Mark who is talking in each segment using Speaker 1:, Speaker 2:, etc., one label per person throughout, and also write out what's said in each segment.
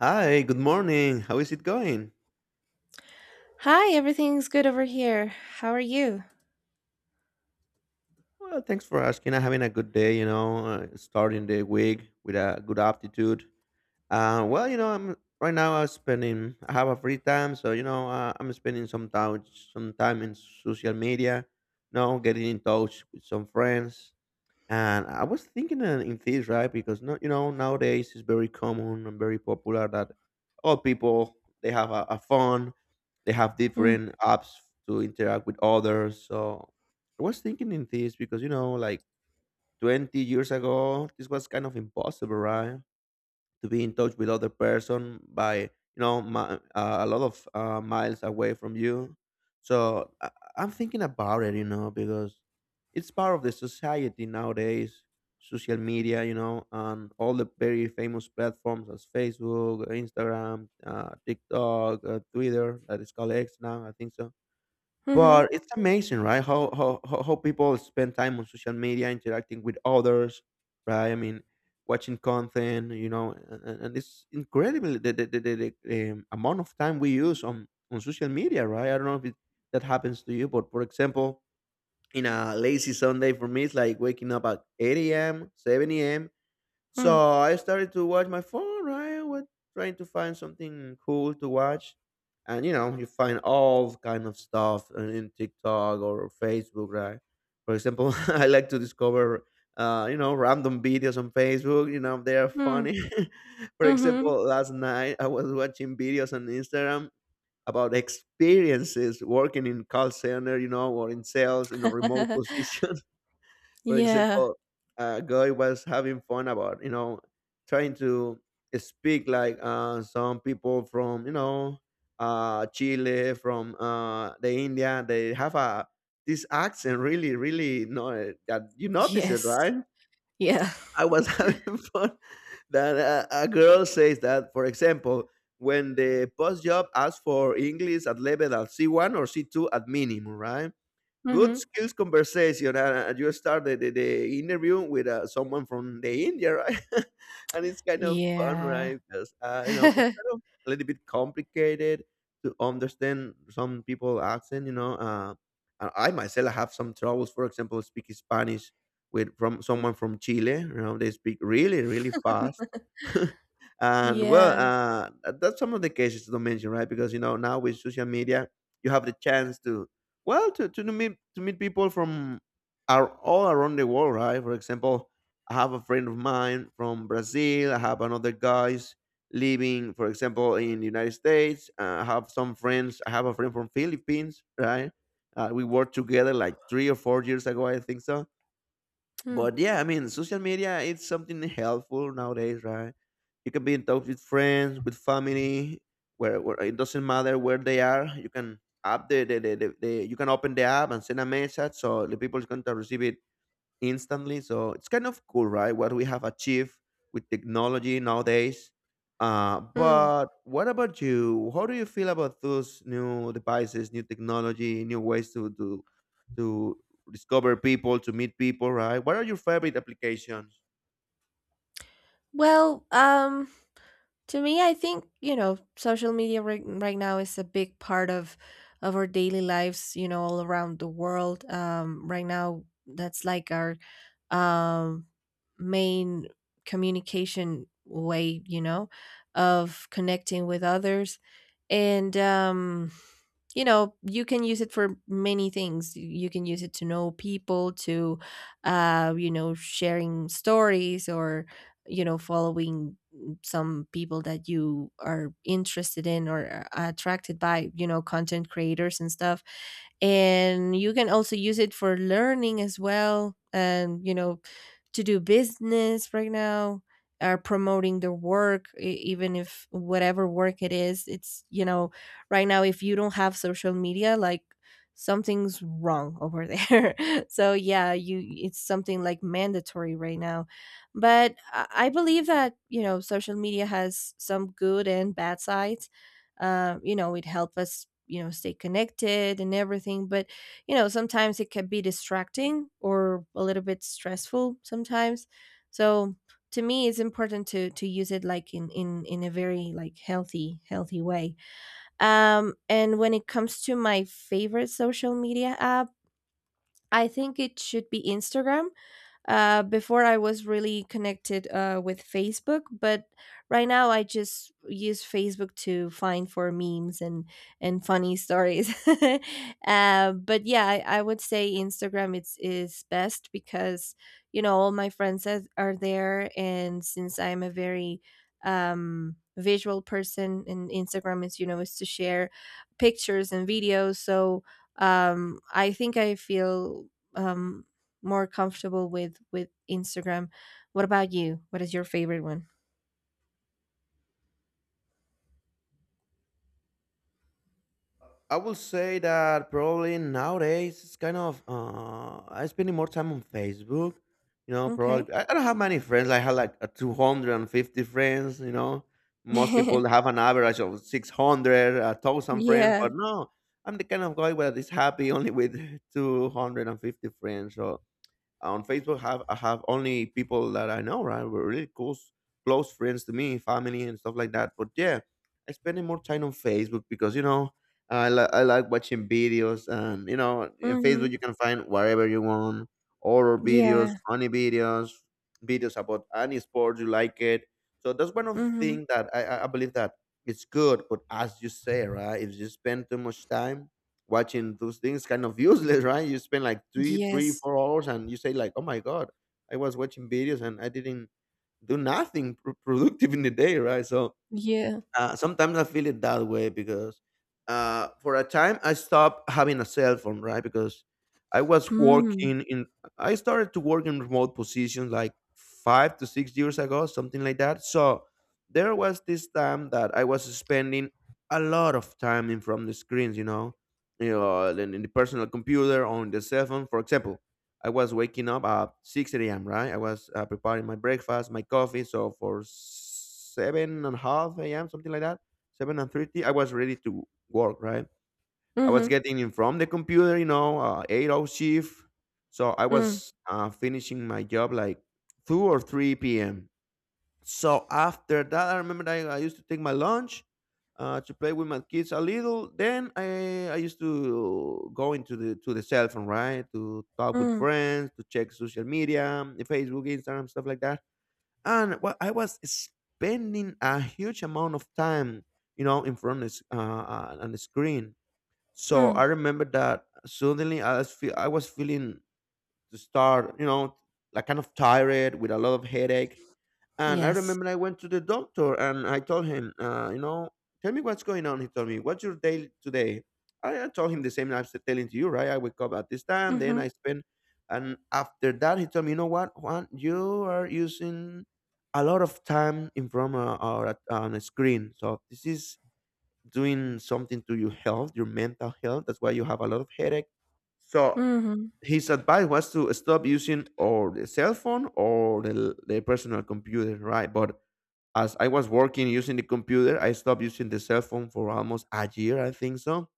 Speaker 1: Hi, good morning. How is it going?
Speaker 2: Hi, everything's good over here. How are you?
Speaker 1: Well, thanks for asking. I'm having a good day, starting the week with a good aptitude. Well, I'm right now I have a free time, so, I'm spending some time in social media, getting in touch with some friends. And I was thinking in this, right? Because no, you know, nowadays it's very common and very popular that all people they have a phone, they have
Speaker 2: Mm.
Speaker 1: different apps to interact with others. So I was thinking in this because you know, like 20 years ago, this was kind of impossible, right? To be in touch with other person by you know my, a lot of miles away from you. So I'm thinking about it, you know, because it's part of the society nowadays, social media, you know, and all the very famous platforms as Facebook, Instagram, TikTok, Twitter, that is called X now, I think so.
Speaker 2: Mhm.
Speaker 1: But it's amazing, right? How people spend time on social media interacting with others, right? I mean, watching content, you know, and it's incredible the amount of time we use on social media, right? I don't know if it, that happens to you, but for example, in a lazy Sunday for me, it's like waking up at 8 a.m., 7 a.m. So
Speaker 2: Mm.
Speaker 1: I started to watch my phone, right? I was trying to find something cool to watch. And you know, you find all kind of stuff in TikTok or Facebook, right? For example, I like to discover you know, random videos on Facebook, you know, they are
Speaker 2: Mm.
Speaker 1: funny. For
Speaker 2: Mhm.
Speaker 1: example, last night I was watching videos on Instagram about experiences working in call center, you know, or in sales in a remote position. For
Speaker 2: Yeah.
Speaker 1: example, a guy was having fun about, you know, trying to speak like some people from, you know, Chile, from the India. They have a this accent really, really, no, that you notice it,
Speaker 2: Yes.
Speaker 1: right?
Speaker 2: Yeah.
Speaker 1: I was having fun that a girl says that, for example, when the post job asks for English at level at C1 or C2 at minimum, right? Good
Speaker 2: Mhm.
Speaker 1: skills conversation and, you start the interview with someone from the India, right. And it's kind of fun,
Speaker 2: Yeah.
Speaker 1: right? Because you know, it's kind of a little bit complicated to understand some people accent, you know. And I myself have some troubles, for example, speaking Spanish with from someone from Chile, you know, they speak really, really fast. And well,
Speaker 2: Yeah.
Speaker 1: that's some of the cases to mention, right? Because you know, now with social media you have the chance to, well, to meet people from are all around the world, right? For example, I have a friend of mine from Brazil. I have another guys living, for example, in the United States. I have some friends. I have a friend from Philippines, right? We worked together like 3 or 4 years ago, I think so.
Speaker 2: Mm.
Speaker 1: But yeah, I mean, social media is something helpful nowadays, right? You can be in touch with friends, with family, where it doesn't matter where they are, you can up the you can open the app and send a message so the people is going to receive it instantly. So it's kind of cool, right? What we have achieved with technology nowadays.
Speaker 2: Mm.
Speaker 1: But what about you? How do you feel about those new devices, new technology, new ways to to discover people, to meet people, right? What are your favorite applications?
Speaker 2: Well, to me, I think, you know, social media right now is a big part of our daily lives, you know, all around the world. Right now, that's like our um, main communication way, you know, of connecting with others. And, you know, you can use it for many things. You can use it to know people, to, you know, sharing stories, or, you know, following some people that you are interested in or are attracted by, you know, content creators and stuff. And you can also use it for learning as well, and, you know, to do business. Right now are promoting their work, even if whatever work it is. It's, you know, right now if you don't have social media, like something's wrong over there. So yeah, you it's something like mandatory right now. But I believe that, you know, social media has some good and bad sides. You know, it helps us, you know, stay connected and everything, but, you know, sometimes it can be distracting or a little bit stressful sometimes. So to me, it's important to use it like in a very like healthy way. And when it comes to my favorite social media app, I think it should be Instagram. Before I was really connected with Facebook, but right now I just use Facebook to find for memes and funny stories. But yeah, I would say Instagram it's is best, because, you know, all my friends are there, and since I'm a very visual person, and Instagram is, you know, is to share pictures and videos. So I think I feel Um, more comfortable with Instagram. What about you? What is your favorite one?
Speaker 1: I will say that probably nowadays it's kind of I'm spending more time on Facebook. You know, probably
Speaker 2: Okay.
Speaker 1: I don't have many friends. I have like a 250 friends. You know, most people have an average of 600, a thousand friends.
Speaker 2: Yeah.
Speaker 1: But no, I'm the kind of guy where is happy only with 250 friends. So on Facebook have I have only people that I know, right? We're really close friends to me, family and stuff like that. But yeah, I spending more time on Facebook because you know I like watching videos and you know in Facebook
Speaker 2: Mm-hmm.
Speaker 1: you can find whatever you want, horror videos,
Speaker 2: Yeah.
Speaker 1: funny videos, videos about any sport you like it. So that's one of the
Speaker 2: Mm-hmm.
Speaker 1: things that I believe that it's good. But as you say, right, if you spend too much time watching those things kind of useless, right? You spend like
Speaker 2: Yes.
Speaker 1: 4 hours, and you say like, "Oh my god, I was watching videos and I didn't do nothing productive in the day," right? So
Speaker 2: Yeah.
Speaker 1: sometimes I feel it that way because for a time I stopped having a cell phone, right? Because I was
Speaker 2: Mm.
Speaker 1: working in, I started to work in remote positions like 5 to 6 years ago, something like that. So there was this time that I was spending a lot of time in front of the screens, you know, in the personal computer, on the cell phone, for example. I was waking up at 6 a.m., right? I was preparing my breakfast, my coffee. So for 7 and a half a.m., something like that, 7 and 30, I was ready to work, right? I was
Speaker 2: Mm-hmm.
Speaker 1: getting in from the computer, you know, 8-hour shift. So I
Speaker 2: Mm.
Speaker 1: was finishing my job like 2 or 3 p.m. So after that, I remember that I used to take my lunch to play with my kids a little. Then I used to go into the to the cell phone, right, to talk with
Speaker 2: Mm.
Speaker 1: friends, to check social media, Facebook, Instagram, stuff like that. And well, I was spending a huge amount of time, you know, in front of on the screen. So
Speaker 2: Mm.
Speaker 1: I remember that suddenly I was feeling to start, you know, like kind of tired with a lot of headache. And I
Speaker 2: Yes.
Speaker 1: remember I went to the doctor and I told him, you know, tell me what's going on. He told me, what's your day today? I told him the same I'm telling to you, right? I wake up at this time, then
Speaker 2: Mm-hmm.
Speaker 1: I spend. And after that, he told me, you know what, Juan, you are using a lot of time in front of our, on a screen. So this is doing something to your health, your mental health. That's why you have a lot of headache. So
Speaker 2: Mm-hmm.
Speaker 1: his advice was to stop using or the cell phone or the personal computer, right? But as I was working using the computer, I stopped using the cell phone for almost a year, I think so.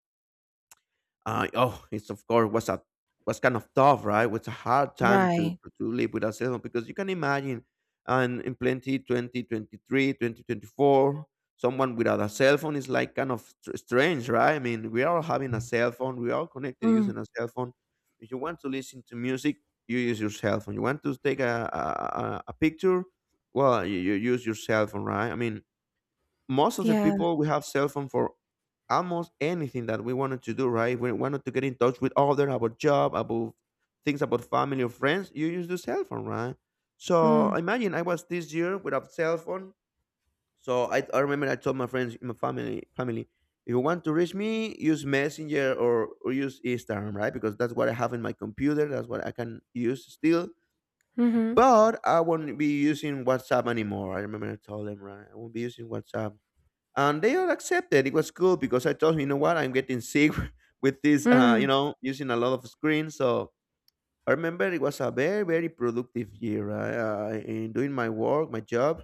Speaker 1: Oh, it's of course was a was kind of tough, right? It's a hard time to
Speaker 2: Right.
Speaker 1: to live with a cell because you can imagine, and in plenty 20, 2024, someone without a cell phone is like kind of strange, right? I mean, we are all having a cell phone, we are all connected
Speaker 2: Mm.
Speaker 1: using a cell phone. If you want to listen to music, you use your cell phone. You want to take a a picture, well, you use your cell phone, right? I mean, most of the
Speaker 2: Yeah.
Speaker 1: people we have cell phone for almost anything that we wanted to do, right? We wanted to get in touch with other about job, about things, about family or friends, you use the cell phone, right? So
Speaker 2: Mm.
Speaker 1: imagine I was this year without cell phone. So I remember I told my friends, my family, if you want to reach me, use Messenger, or use Instagram, right? Because that's what I have in my computer, that's what I can use still.
Speaker 2: Mm-hmm.
Speaker 1: But I won't be using WhatsApp anymore, I remember I told them, right? I won't be using WhatsApp, and they all accepted. It was cool because I told him, you know what, I'm getting sick with this, you
Speaker 2: Mm.
Speaker 1: know, using a lot of screen. So I remember it was a very, very productive year in doing my work, my job.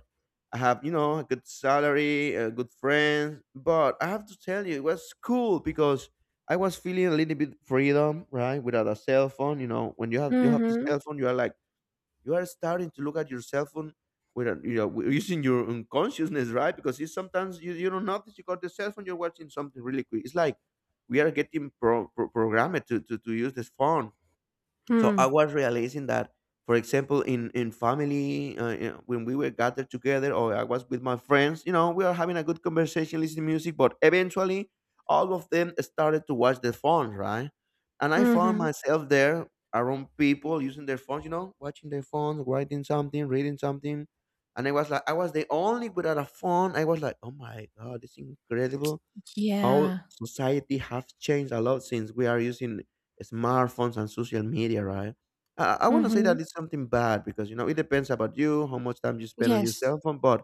Speaker 1: I have, you know, a good salary, a good friends, but I have to tell you, it was cool because I was feeling a little bit freedom, right? Without a cell phone, you know, when you have this
Speaker 2: Mm-hmm.
Speaker 1: cell phone, you are like you are starting to look at your cell phone with a, you know using your unconsciousness, right? Because it's sometimes you don't notice you got the cell phone, you're watching something really quick. It's like we are getting programmed to use this phone. So
Speaker 2: Mm.
Speaker 1: I was realizing that, for example, in family, you know, when we were gathered together, or I was with my friends, you know, we are having a good conversation, listening music, but eventually, all of them started to watch their phones, right? And I found
Speaker 2: Mm-hmm.
Speaker 1: myself there around people using their phones, you know, watching their phones, writing something, reading something, and I was like, I was the only without a phone. I was like, oh my god, it's incredible how
Speaker 2: Yeah.
Speaker 1: society have changed a lot since we are using smartphones and social media, right? I want to say
Speaker 2: Mm-hmm.
Speaker 1: that it's something bad because you know it depends about you how much time you spend on your
Speaker 2: Yes.
Speaker 1: cell phone, but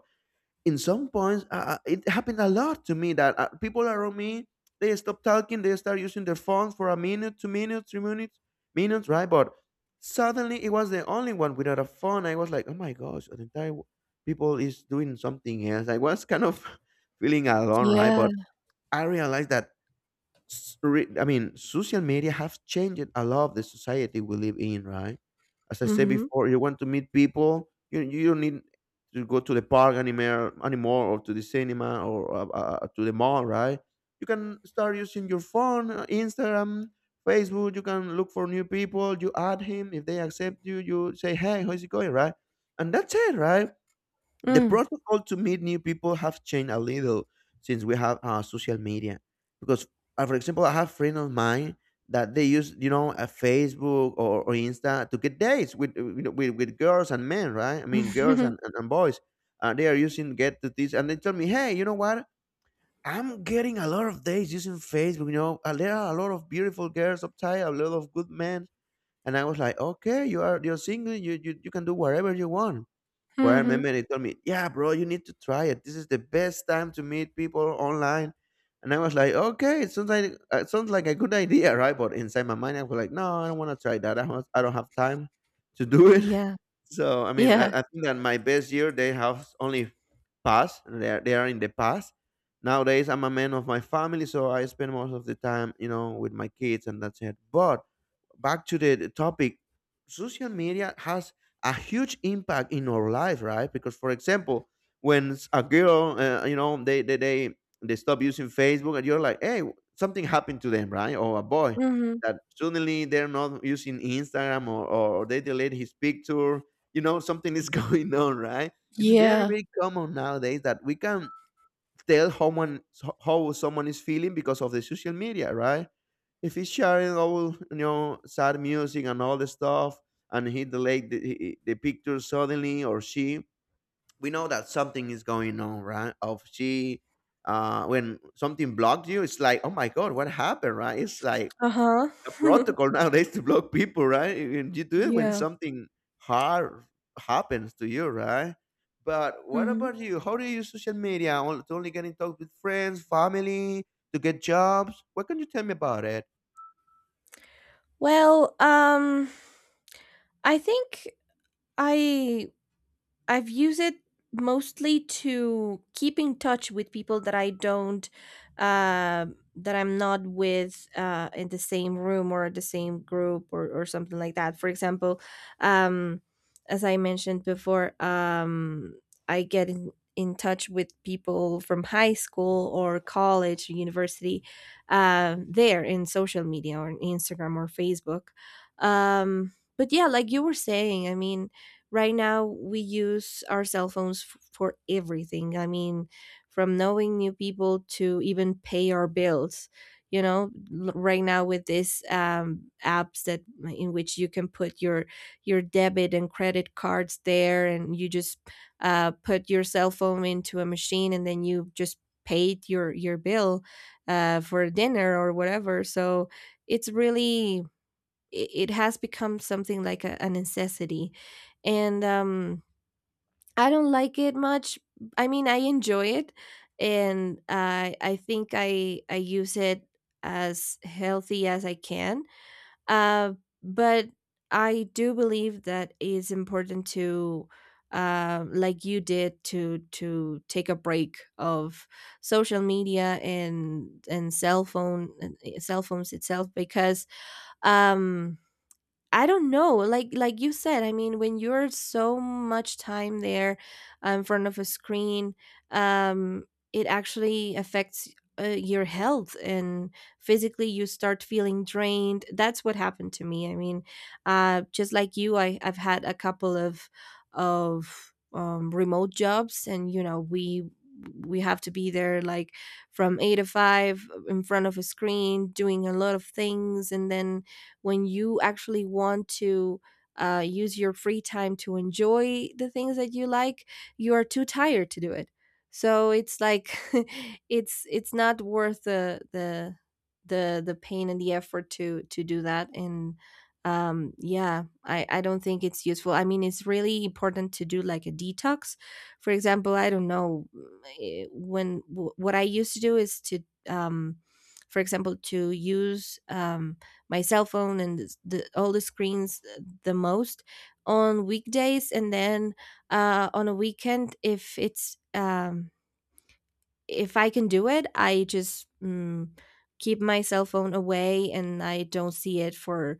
Speaker 1: in some points it happened a lot to me that people around me, they stop talking, they start using their phones for a minute, 2 minutes, 3 minutes, minutes, right? But suddenly it was the only one without a phone. I was like, oh my gosh, the entire people is doing something else. I was kind of feeling alone, right?
Speaker 2: Yeah.
Speaker 1: But I realized that I mean, social media have changed a lot of the society we live in, right? As I said
Speaker 2: Mm-hmm.
Speaker 1: before, you want to meet people, you don't need to go to the park anymore, anymore, or to the cinema, or to the mall, right? You can start using your phone, Instagram, Facebook. You can look for new people. You add him if they accept you. You say, "Hey, how's it going?" Right, and that's it, right? The
Speaker 2: Mm.
Speaker 1: protocol to meet new people have changed a little since we have social media because for example, I have friends of mine that they use, you know, a Facebook or Insta to get dates with, you know, with girls and men, right? I mean girls and, and, and boys. They are using get to this and they tell me, hey, you know what, I'm getting a lot of dates using Facebook, you know. There are a lot of beautiful girls up there, a lot of good men. And I was like, okay, you are, you're single, you can do whatever you want. But I
Speaker 2: Mm-hmm.
Speaker 1: remember they told me, "Yeah, bro, you need to try it. This is the best time to meet people online." And I was like, "Okay, it sounds like a good idea, right?" But inside my mind, I was like, "No, I don't want to try that. I don't have time to do it."
Speaker 2: Yeah.
Speaker 1: So I mean, I,
Speaker 2: Yeah.
Speaker 1: I think that my best year they have only passed. They are in the past. Nowadays, I'm a man of my family, so I spend most of the time, you know, with my kids, and that's it. But back to the topic, social media has a huge impact in our life, right? Because, for example, when a girl, you know, they stop using Facebook, and you're like, hey, something happened to them, right? Or a boy
Speaker 2: Mm-hmm.
Speaker 1: that suddenly they're not using Instagram, or they delete his picture. You know, something is going on, right? It's very
Speaker 2: Yeah.
Speaker 1: very common nowadays that we can tell how one how someone is feeling because of the social media, right? If he's sharing all, you know, sad music and all the stuff, and he delayed the picture suddenly, or she, we know that something is going on, right? Of she, uh, when something blocked you, it's like, oh my god, what happened, right? It's like
Speaker 2: Uh-huh.
Speaker 1: a protocol nowadays to block people, right? And you do it when
Speaker 2: Yeah.
Speaker 1: something hard happens to you, right? But what
Speaker 2: Mhm.
Speaker 1: about you? How do you use social media? To only get in touch with friends, family, to get jobs? What can you tell me about it?
Speaker 2: Well, I think I I've used it mostly to keep in touch with people that I don't, uh, that I'm not with in the same room or the same group, or, something like that. For example, um, as I mentioned before, I get in touch with people from high school or college, university, there in social media or on Instagram or Facebook. But yeah, like you were saying, I mean, right now we use our cell phones for everything. I mean, from knowing new people to even pay our bills, you know. Right now with these apps that in which you can put your debit and credit cards there, and you just put your cell phone into a machine, and then you just paid your bill for dinner or whatever. So it's really, it has become something like a necessity. And I don't like it much. I mean, I enjoy it, and I think I use it as healthy as I can. uh but I do believe that it's important to, like you did, to take a break of social media and cell phone, and cell phones itself. Because um I don't know. Like you said, I mean, when you're so much time there in front of a screen, um, it actually affects your health, and physically you start feeling drained. That's what happened to me. I mean, just like you, I've had a couple of remote jobs, and you know we have to be there like from eight to five in front of a screen doing a lot of things. And then when you actually want to use your free time to enjoy the things that you like, you are too tired to do it. So it's like it's not worth the pain and the effort to do that. And yeah, I don't think it's useful. I mean, it's really important to do like a detox. For example, I don't know, what I used to do is to, um for example, to use, my cell phone and all the screens the most on weekdays. And then on a weekend, if I can do it, I just keep my cell phone away, and I don't see it for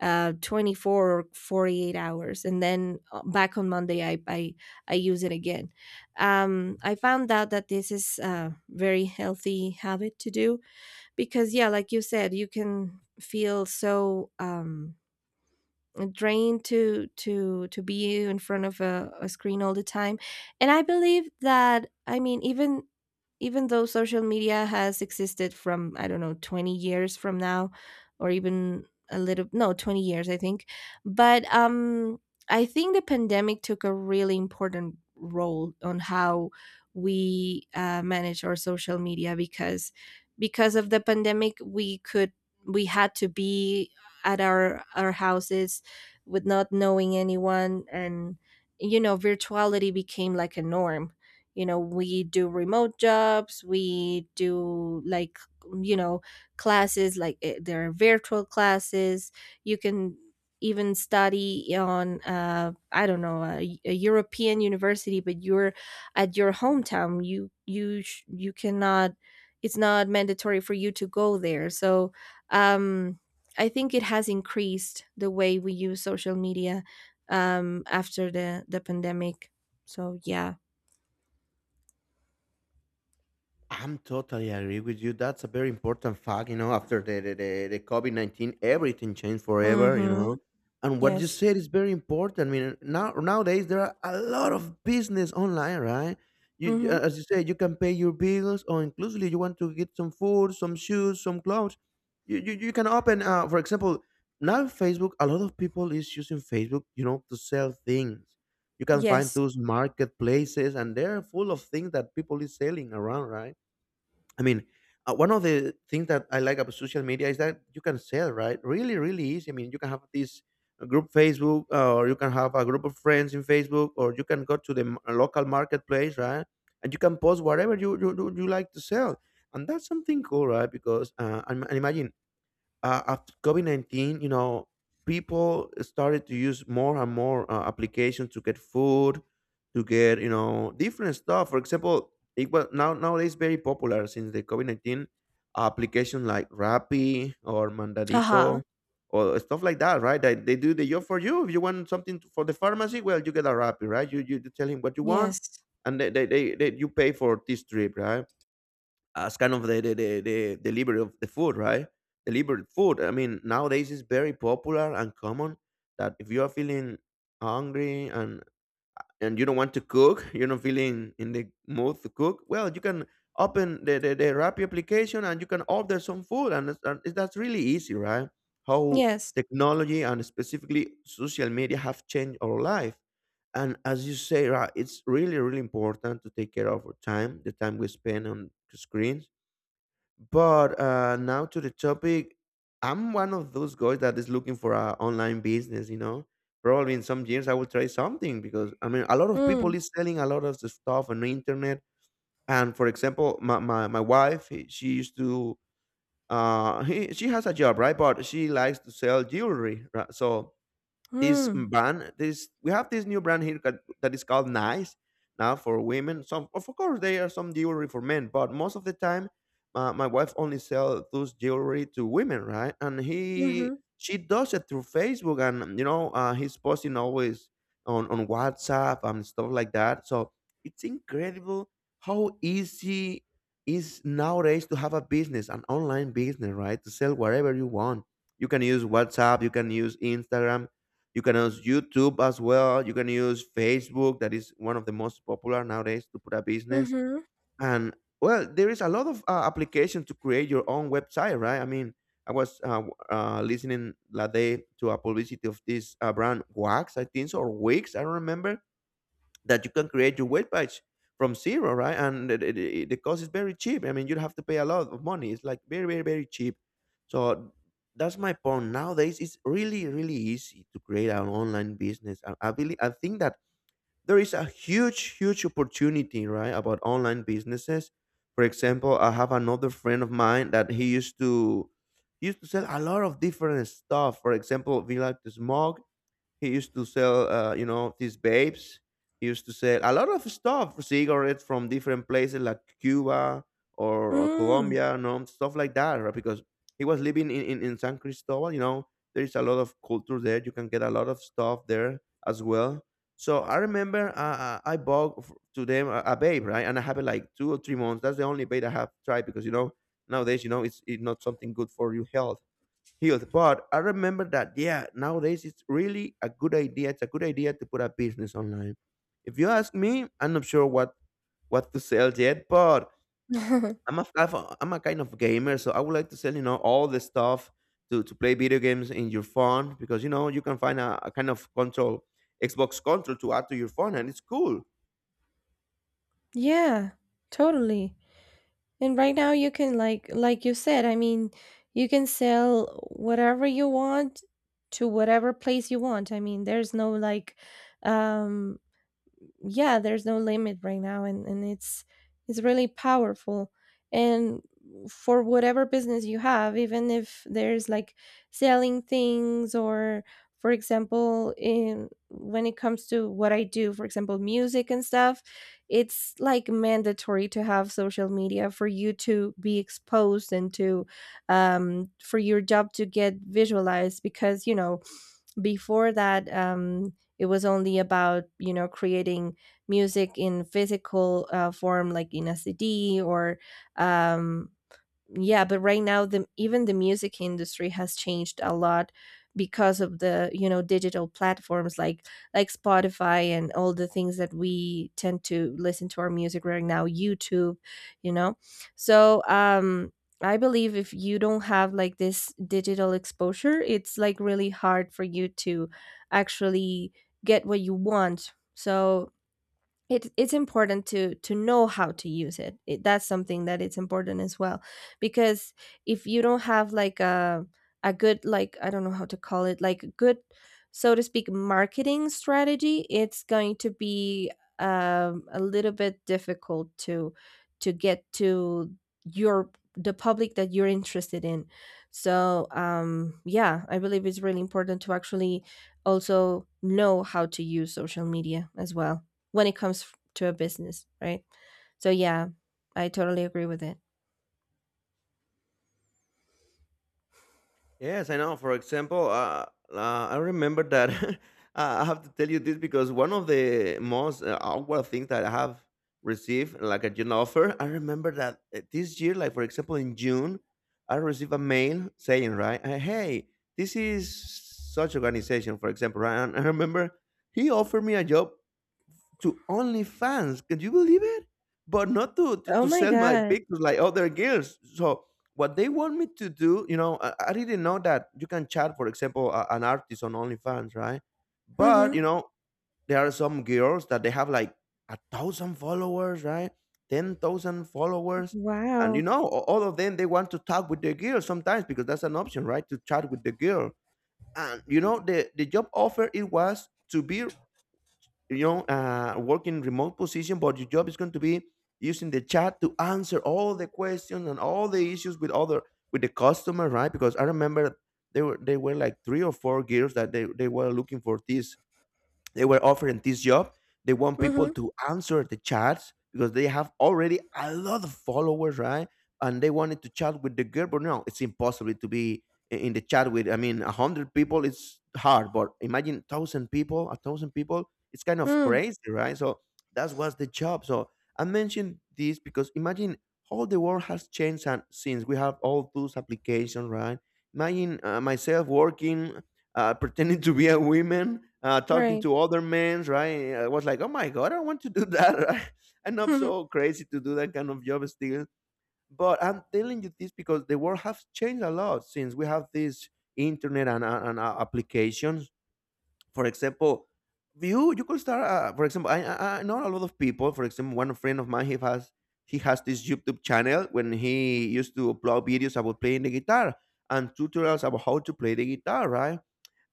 Speaker 2: 24 or 48 hours. And then back on Monday I I use it again. I found out that this is a very healthy habit to do, because yeah, like you said, you can feel so drained to be in front of a screen all the time. And I believe that, I mean, even though social media has existed from, I don't know, 20 years from now, or even a little, no, 20 years I think. But I think the pandemic took a really important role on how we manage our social media, because of the pandemic, we could, we had to be at our houses with not knowing anyone. And, you know, virtuality became like a norm. You know, we do remote jobs, we do like you know, classes, like there are virtual classes. You can even study on, I don't know, a European university, but you're at your hometown. You you cannot, it's not mandatory for you to go there. So um I think it has increased the way we use social media after the pandemic. So yeah.
Speaker 1: I'm totally agree with you. That's a very important fact, you know. After the COVID-19, everything changed forever, you
Speaker 2: Mm-hmm.
Speaker 1: know. And what you
Speaker 2: Yes.
Speaker 1: said is very important. I mean, nowadays there are a lot of business online, right?
Speaker 2: Mm-hmm.
Speaker 1: As you said, you can pay your bills, or inclusively, you want to get some food, some shoes, some clothes. You can open, for example, now Facebook. A lot of people is using Facebook, you know, to sell things. You can find
Speaker 2: Yes.
Speaker 1: those marketplaces, and they're full of things that people is selling around, right? I mean, one of the things that I like about social media is that you can sell, right? Really, really easy. I mean, you can have this group Facebook, or you can have a group of friends in Facebook, or you can go to the local marketplace, right? And you can post whatever you like to sell, and that's something cool, right? Because and imagine after COVID 19, you know, people started to use more and more applications to get food, to get, you know, different stuff. For example, it was nowadays very popular since the COVID 19 application like Rappi or Mandadito
Speaker 2: Uh-huh.
Speaker 1: or stuff like that, right? That they do the job for you. If you want something for the pharmacy, well, you get a Rappi, right? You tell him what you want
Speaker 2: Yes.
Speaker 1: and they, you pay for this trip, right? As kind of the delivery of the food, right? Delivered food. I mean, nowadays it's very popular and common that if you are feeling hungry and you don't want to cook, you're not feeling in the mood to cook. Well, you can open the Rappi application and you can order some food, and, that's really easy, right? How
Speaker 2: Yes.
Speaker 1: technology and specifically social media have changed our life. And as you say, right, it's really, really important to take care of our time, the time we spend on screens. But now to the topic, I'm one of those guys that is looking for a online business. You know, probably in some years I will try something because I mean a lot of people
Speaker 2: Mm.
Speaker 1: is selling a lot of the stuff on the internet. And for example, my wife, eh, she used to he, she has a job, right, but she likes to sell jewelry. Right? So this
Speaker 2: Mm.
Speaker 1: brand, this we have this new brand here that, that is called nice, now for women. Some, of course there are some jewelry for men, but most of the time my wife only sells those jewelry to women, right? And he,
Speaker 2: Mm-hmm.
Speaker 1: she does it through Facebook, and you know, he's posting always on WhatsApp and stuff like that. So it's incredible how easy is nowadays to have a business, an online business, right? To sell whatever you want, you can use WhatsApp, you can use Instagram, you can use YouTube as well. You can use Facebook, that is one of the most popular nowadays to put a business.
Speaker 2: Mm-hmm.
Speaker 1: And well, there is a lot of applications to create your own website, right? I mean, I was listening that day to a publicity of this brand Wax, I think, so, or Wix, I don't remember, that you can create your weight patch from zero, right? And the cost is very cheap. I mean, you don't have to pay a lot of money. It's like very, very, very cheap. So that's my point. Nowadays, it's really, really easy to create an online business. I believe, I think that there is a huge, huge opportunity, right, about online businesses. For example, I have another friend of mine that he used to sell a lot of different stuff. For example, we like to smoke, he used to sell, you know, these babes. He used to sell a lot of stuff, cigarettes from different places like Cuba, or
Speaker 2: Mm.
Speaker 1: Colombia, you know, stuff like that, right? Because he was living in, in San Cristobal, you know, there is a lot of culture there. You can get a lot of stuff there as well. So I remember I bought to them a babe, right? And I have it like 2 or 3 months. That's the only babe I have tried because, you know, nowadays, you know, it's not something good for your health healed. But I remember that, yeah, nowadays it's really a good idea. It's a good idea to put a business online. If you ask me, I'm not sure what to sell yet, but I'm a kind of gamer, so I would like to sell all the stuff to play video games in your phone because you can find a kind of control Xbox control to add to your phone, and it's cool.
Speaker 2: Yeah. Totally. And right now you can, like you said, I mean, you can sell whatever you want to whatever place you want. I mean, there's no like um yeah, there's no limit right now, and it's really powerful. And for whatever business you have, even if there's like selling things, or, for example, in when it comes to what I do, for example, music and stuff, it's like mandatory to have social media for you to be exposed, and to for your job to get visualized. Because, you know, before that, it was only about, you know, creating music in physical form, like in a CD or um, yeah, but right now the even the music industry has changed a lot because of the, you know, digital platforms, like Spotify and all the things that we tend to listen to our music right now. YouTube, you know. So I believe if you don't have like this digital exposure, it's like really hard for you to actually get what you want. So it's important to know how to use it. It that's something that, it's important as well. Because if you don't have like a good, like, I don't know how to call it, like a good, so to speak, marketing strategy, it's going to be a little bit difficult to get to your the public that you're interested in. So yeah, I believe it's really important to actually also know how to use social media as well, when it comes to a business, right? So yeah, I totally agree with it.
Speaker 1: Yes, I know. For example, I remember that I have to tell you this because one of the most awkward things that I have received, like a June offer, I remember that this year, like for example in June, I received a mail saying, right, hey, this is such organization, for example, right? And I remember he offered me a job to OnlyFans. Can you believe it? But not to, to,
Speaker 2: Oh
Speaker 1: to
Speaker 2: my
Speaker 1: sell my
Speaker 2: god.
Speaker 1: pictures like other girls. So what they want me to do, you know, I didn't know that you can chat, for example, a, an artist on OnlyFans, right? But
Speaker 2: Mm-hmm.
Speaker 1: you know, there are some girls that they have like 1,000 followers, right? 10,000 followers, and you
Speaker 2: Wow.
Speaker 1: know, all of them they want to talk with the girl sometimes because that's an option, right? To chat with the girl, and you know, the job offer it was to be you know, work in remote position, but your job is going to be using the chat to answer all the questions and all the issues with other with the customer, right? Because I remember there were like three or four girls that they were looking for this they were offering this job. They want people
Speaker 2: Mm-hmm.
Speaker 1: to answer the chats because they have already a lot of followers, right? And they wanted to chat with the girl, but no, it's impossible to be in the chat with. I mean, 100 people, it's hard, but imagine 1,000 people, 1,000 people, it's kind of
Speaker 2: Mm,
Speaker 1: crazy, right? So that was the job. So I mentioned this because imagine how the world has changed and since we have all those applications, right? Imagine myself working pretending to be a woman, talking
Speaker 2: right.
Speaker 1: to other men, right? I was like, oh my god, I want to do that. Right? I'm not so crazy to do that kind of job still, but I'm telling you this because the world has changed a lot since we have this internet and applications. For example, you could start. For example, I know a lot of people. For example, one friend of mine he has this YouTube channel when he used to upload videos about playing the guitar and tutorials about how to play the guitar, right?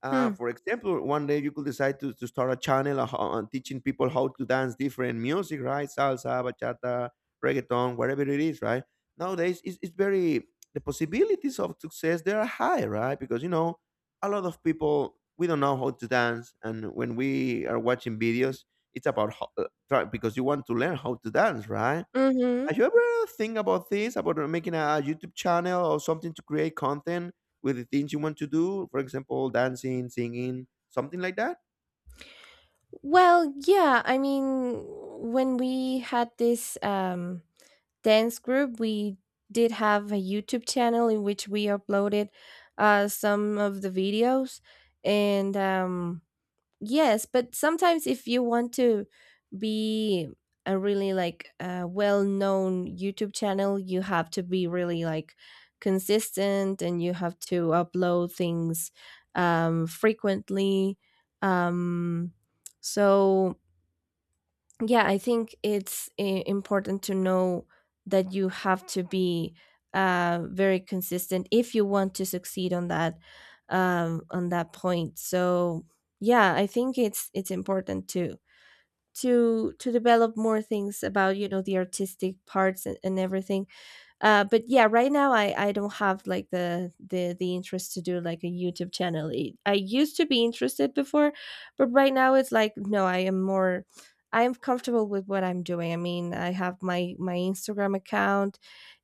Speaker 2: Mm-hmm.
Speaker 1: For example, one day you could decide to start a channel on teaching people how to dance different music, right? Salsa, bachata, reggaeton, whatever it is, right? Nowadays, the possibilities of success, they are high, right? Because, you know, a lot of people, we don't know how to dance. And when we are watching videos, it's about how, because you want to learn how to dance, right?
Speaker 2: Mm-hmm.
Speaker 1: Have you ever think about this, about making a YouTube channel or something to create content with the things you want to do? For example, dancing, singing, something like that?
Speaker 2: Well, yeah, I mean, when we had this dance group, we did have a YouTube channel in which we uploaded some of the videos. And yes, but sometimes if you want to be a really, like, well-known YouTube channel, you have to be really like consistent, and you have to upload things frequently. Um, so yeah, I think important to know that you have to be very consistent if you want to succeed on that, on that point. So yeah, I think it's important to develop more things about, you know, the artistic parts, and, everything. But yeah, right now I don't have like the interest to do like a YouTube channel. I used to be interested before, but right now it's like, no, I am more, I am comfortable with what I'm doing. I mean, I have my Instagram account,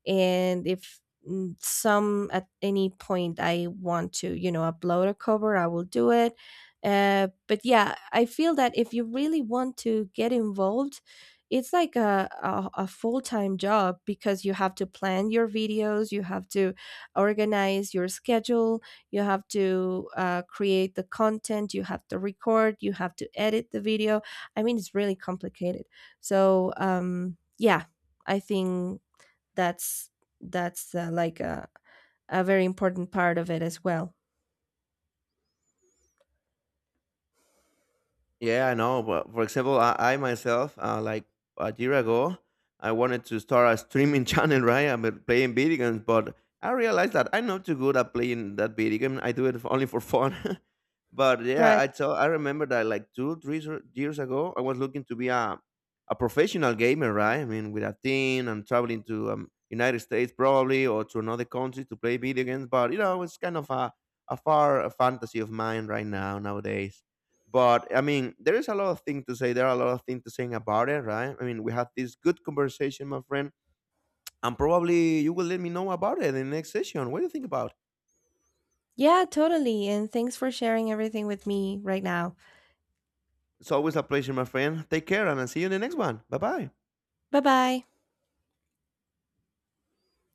Speaker 2: and if some at any point I want to, you know, upload a cover, I will do it. But yeah, I feel that if you really want to get involved, it's like a full-time job, because you have to plan your videos, you have to organize your schedule, you have to create the content, you have to record, you have to edit the video. I mean, it's really complicated. So yeah, I think that's that's like a very important part of it as well.
Speaker 1: Yeah, I know. But for example, I myself, like a year ago, I wanted to start a streaming channel, right? I'm playing video games, but I realized that I'm not too good at playing that video game. I do it for, only for fun. but yeah,
Speaker 2: Right.
Speaker 1: I remember that like two, years ago, I was looking to be a professional gamer, right? I mean, with a team and traveling to United States probably or to another country to play video games. But you know, it's kind of a far fantasy of mine right now nowadays. But I mean, there is a lot of things to say. There are a lot of things to say about it, right? I mean, we have this good conversation, my friend, and probably you will let me know about it in the next session. What do you think about?
Speaker 2: Yeah, totally, and thanks for sharing everything with me right now.
Speaker 1: It's always a pleasure, my friend. Take care, and I'll see you in the next one. Bye bye.
Speaker 2: Bye bye.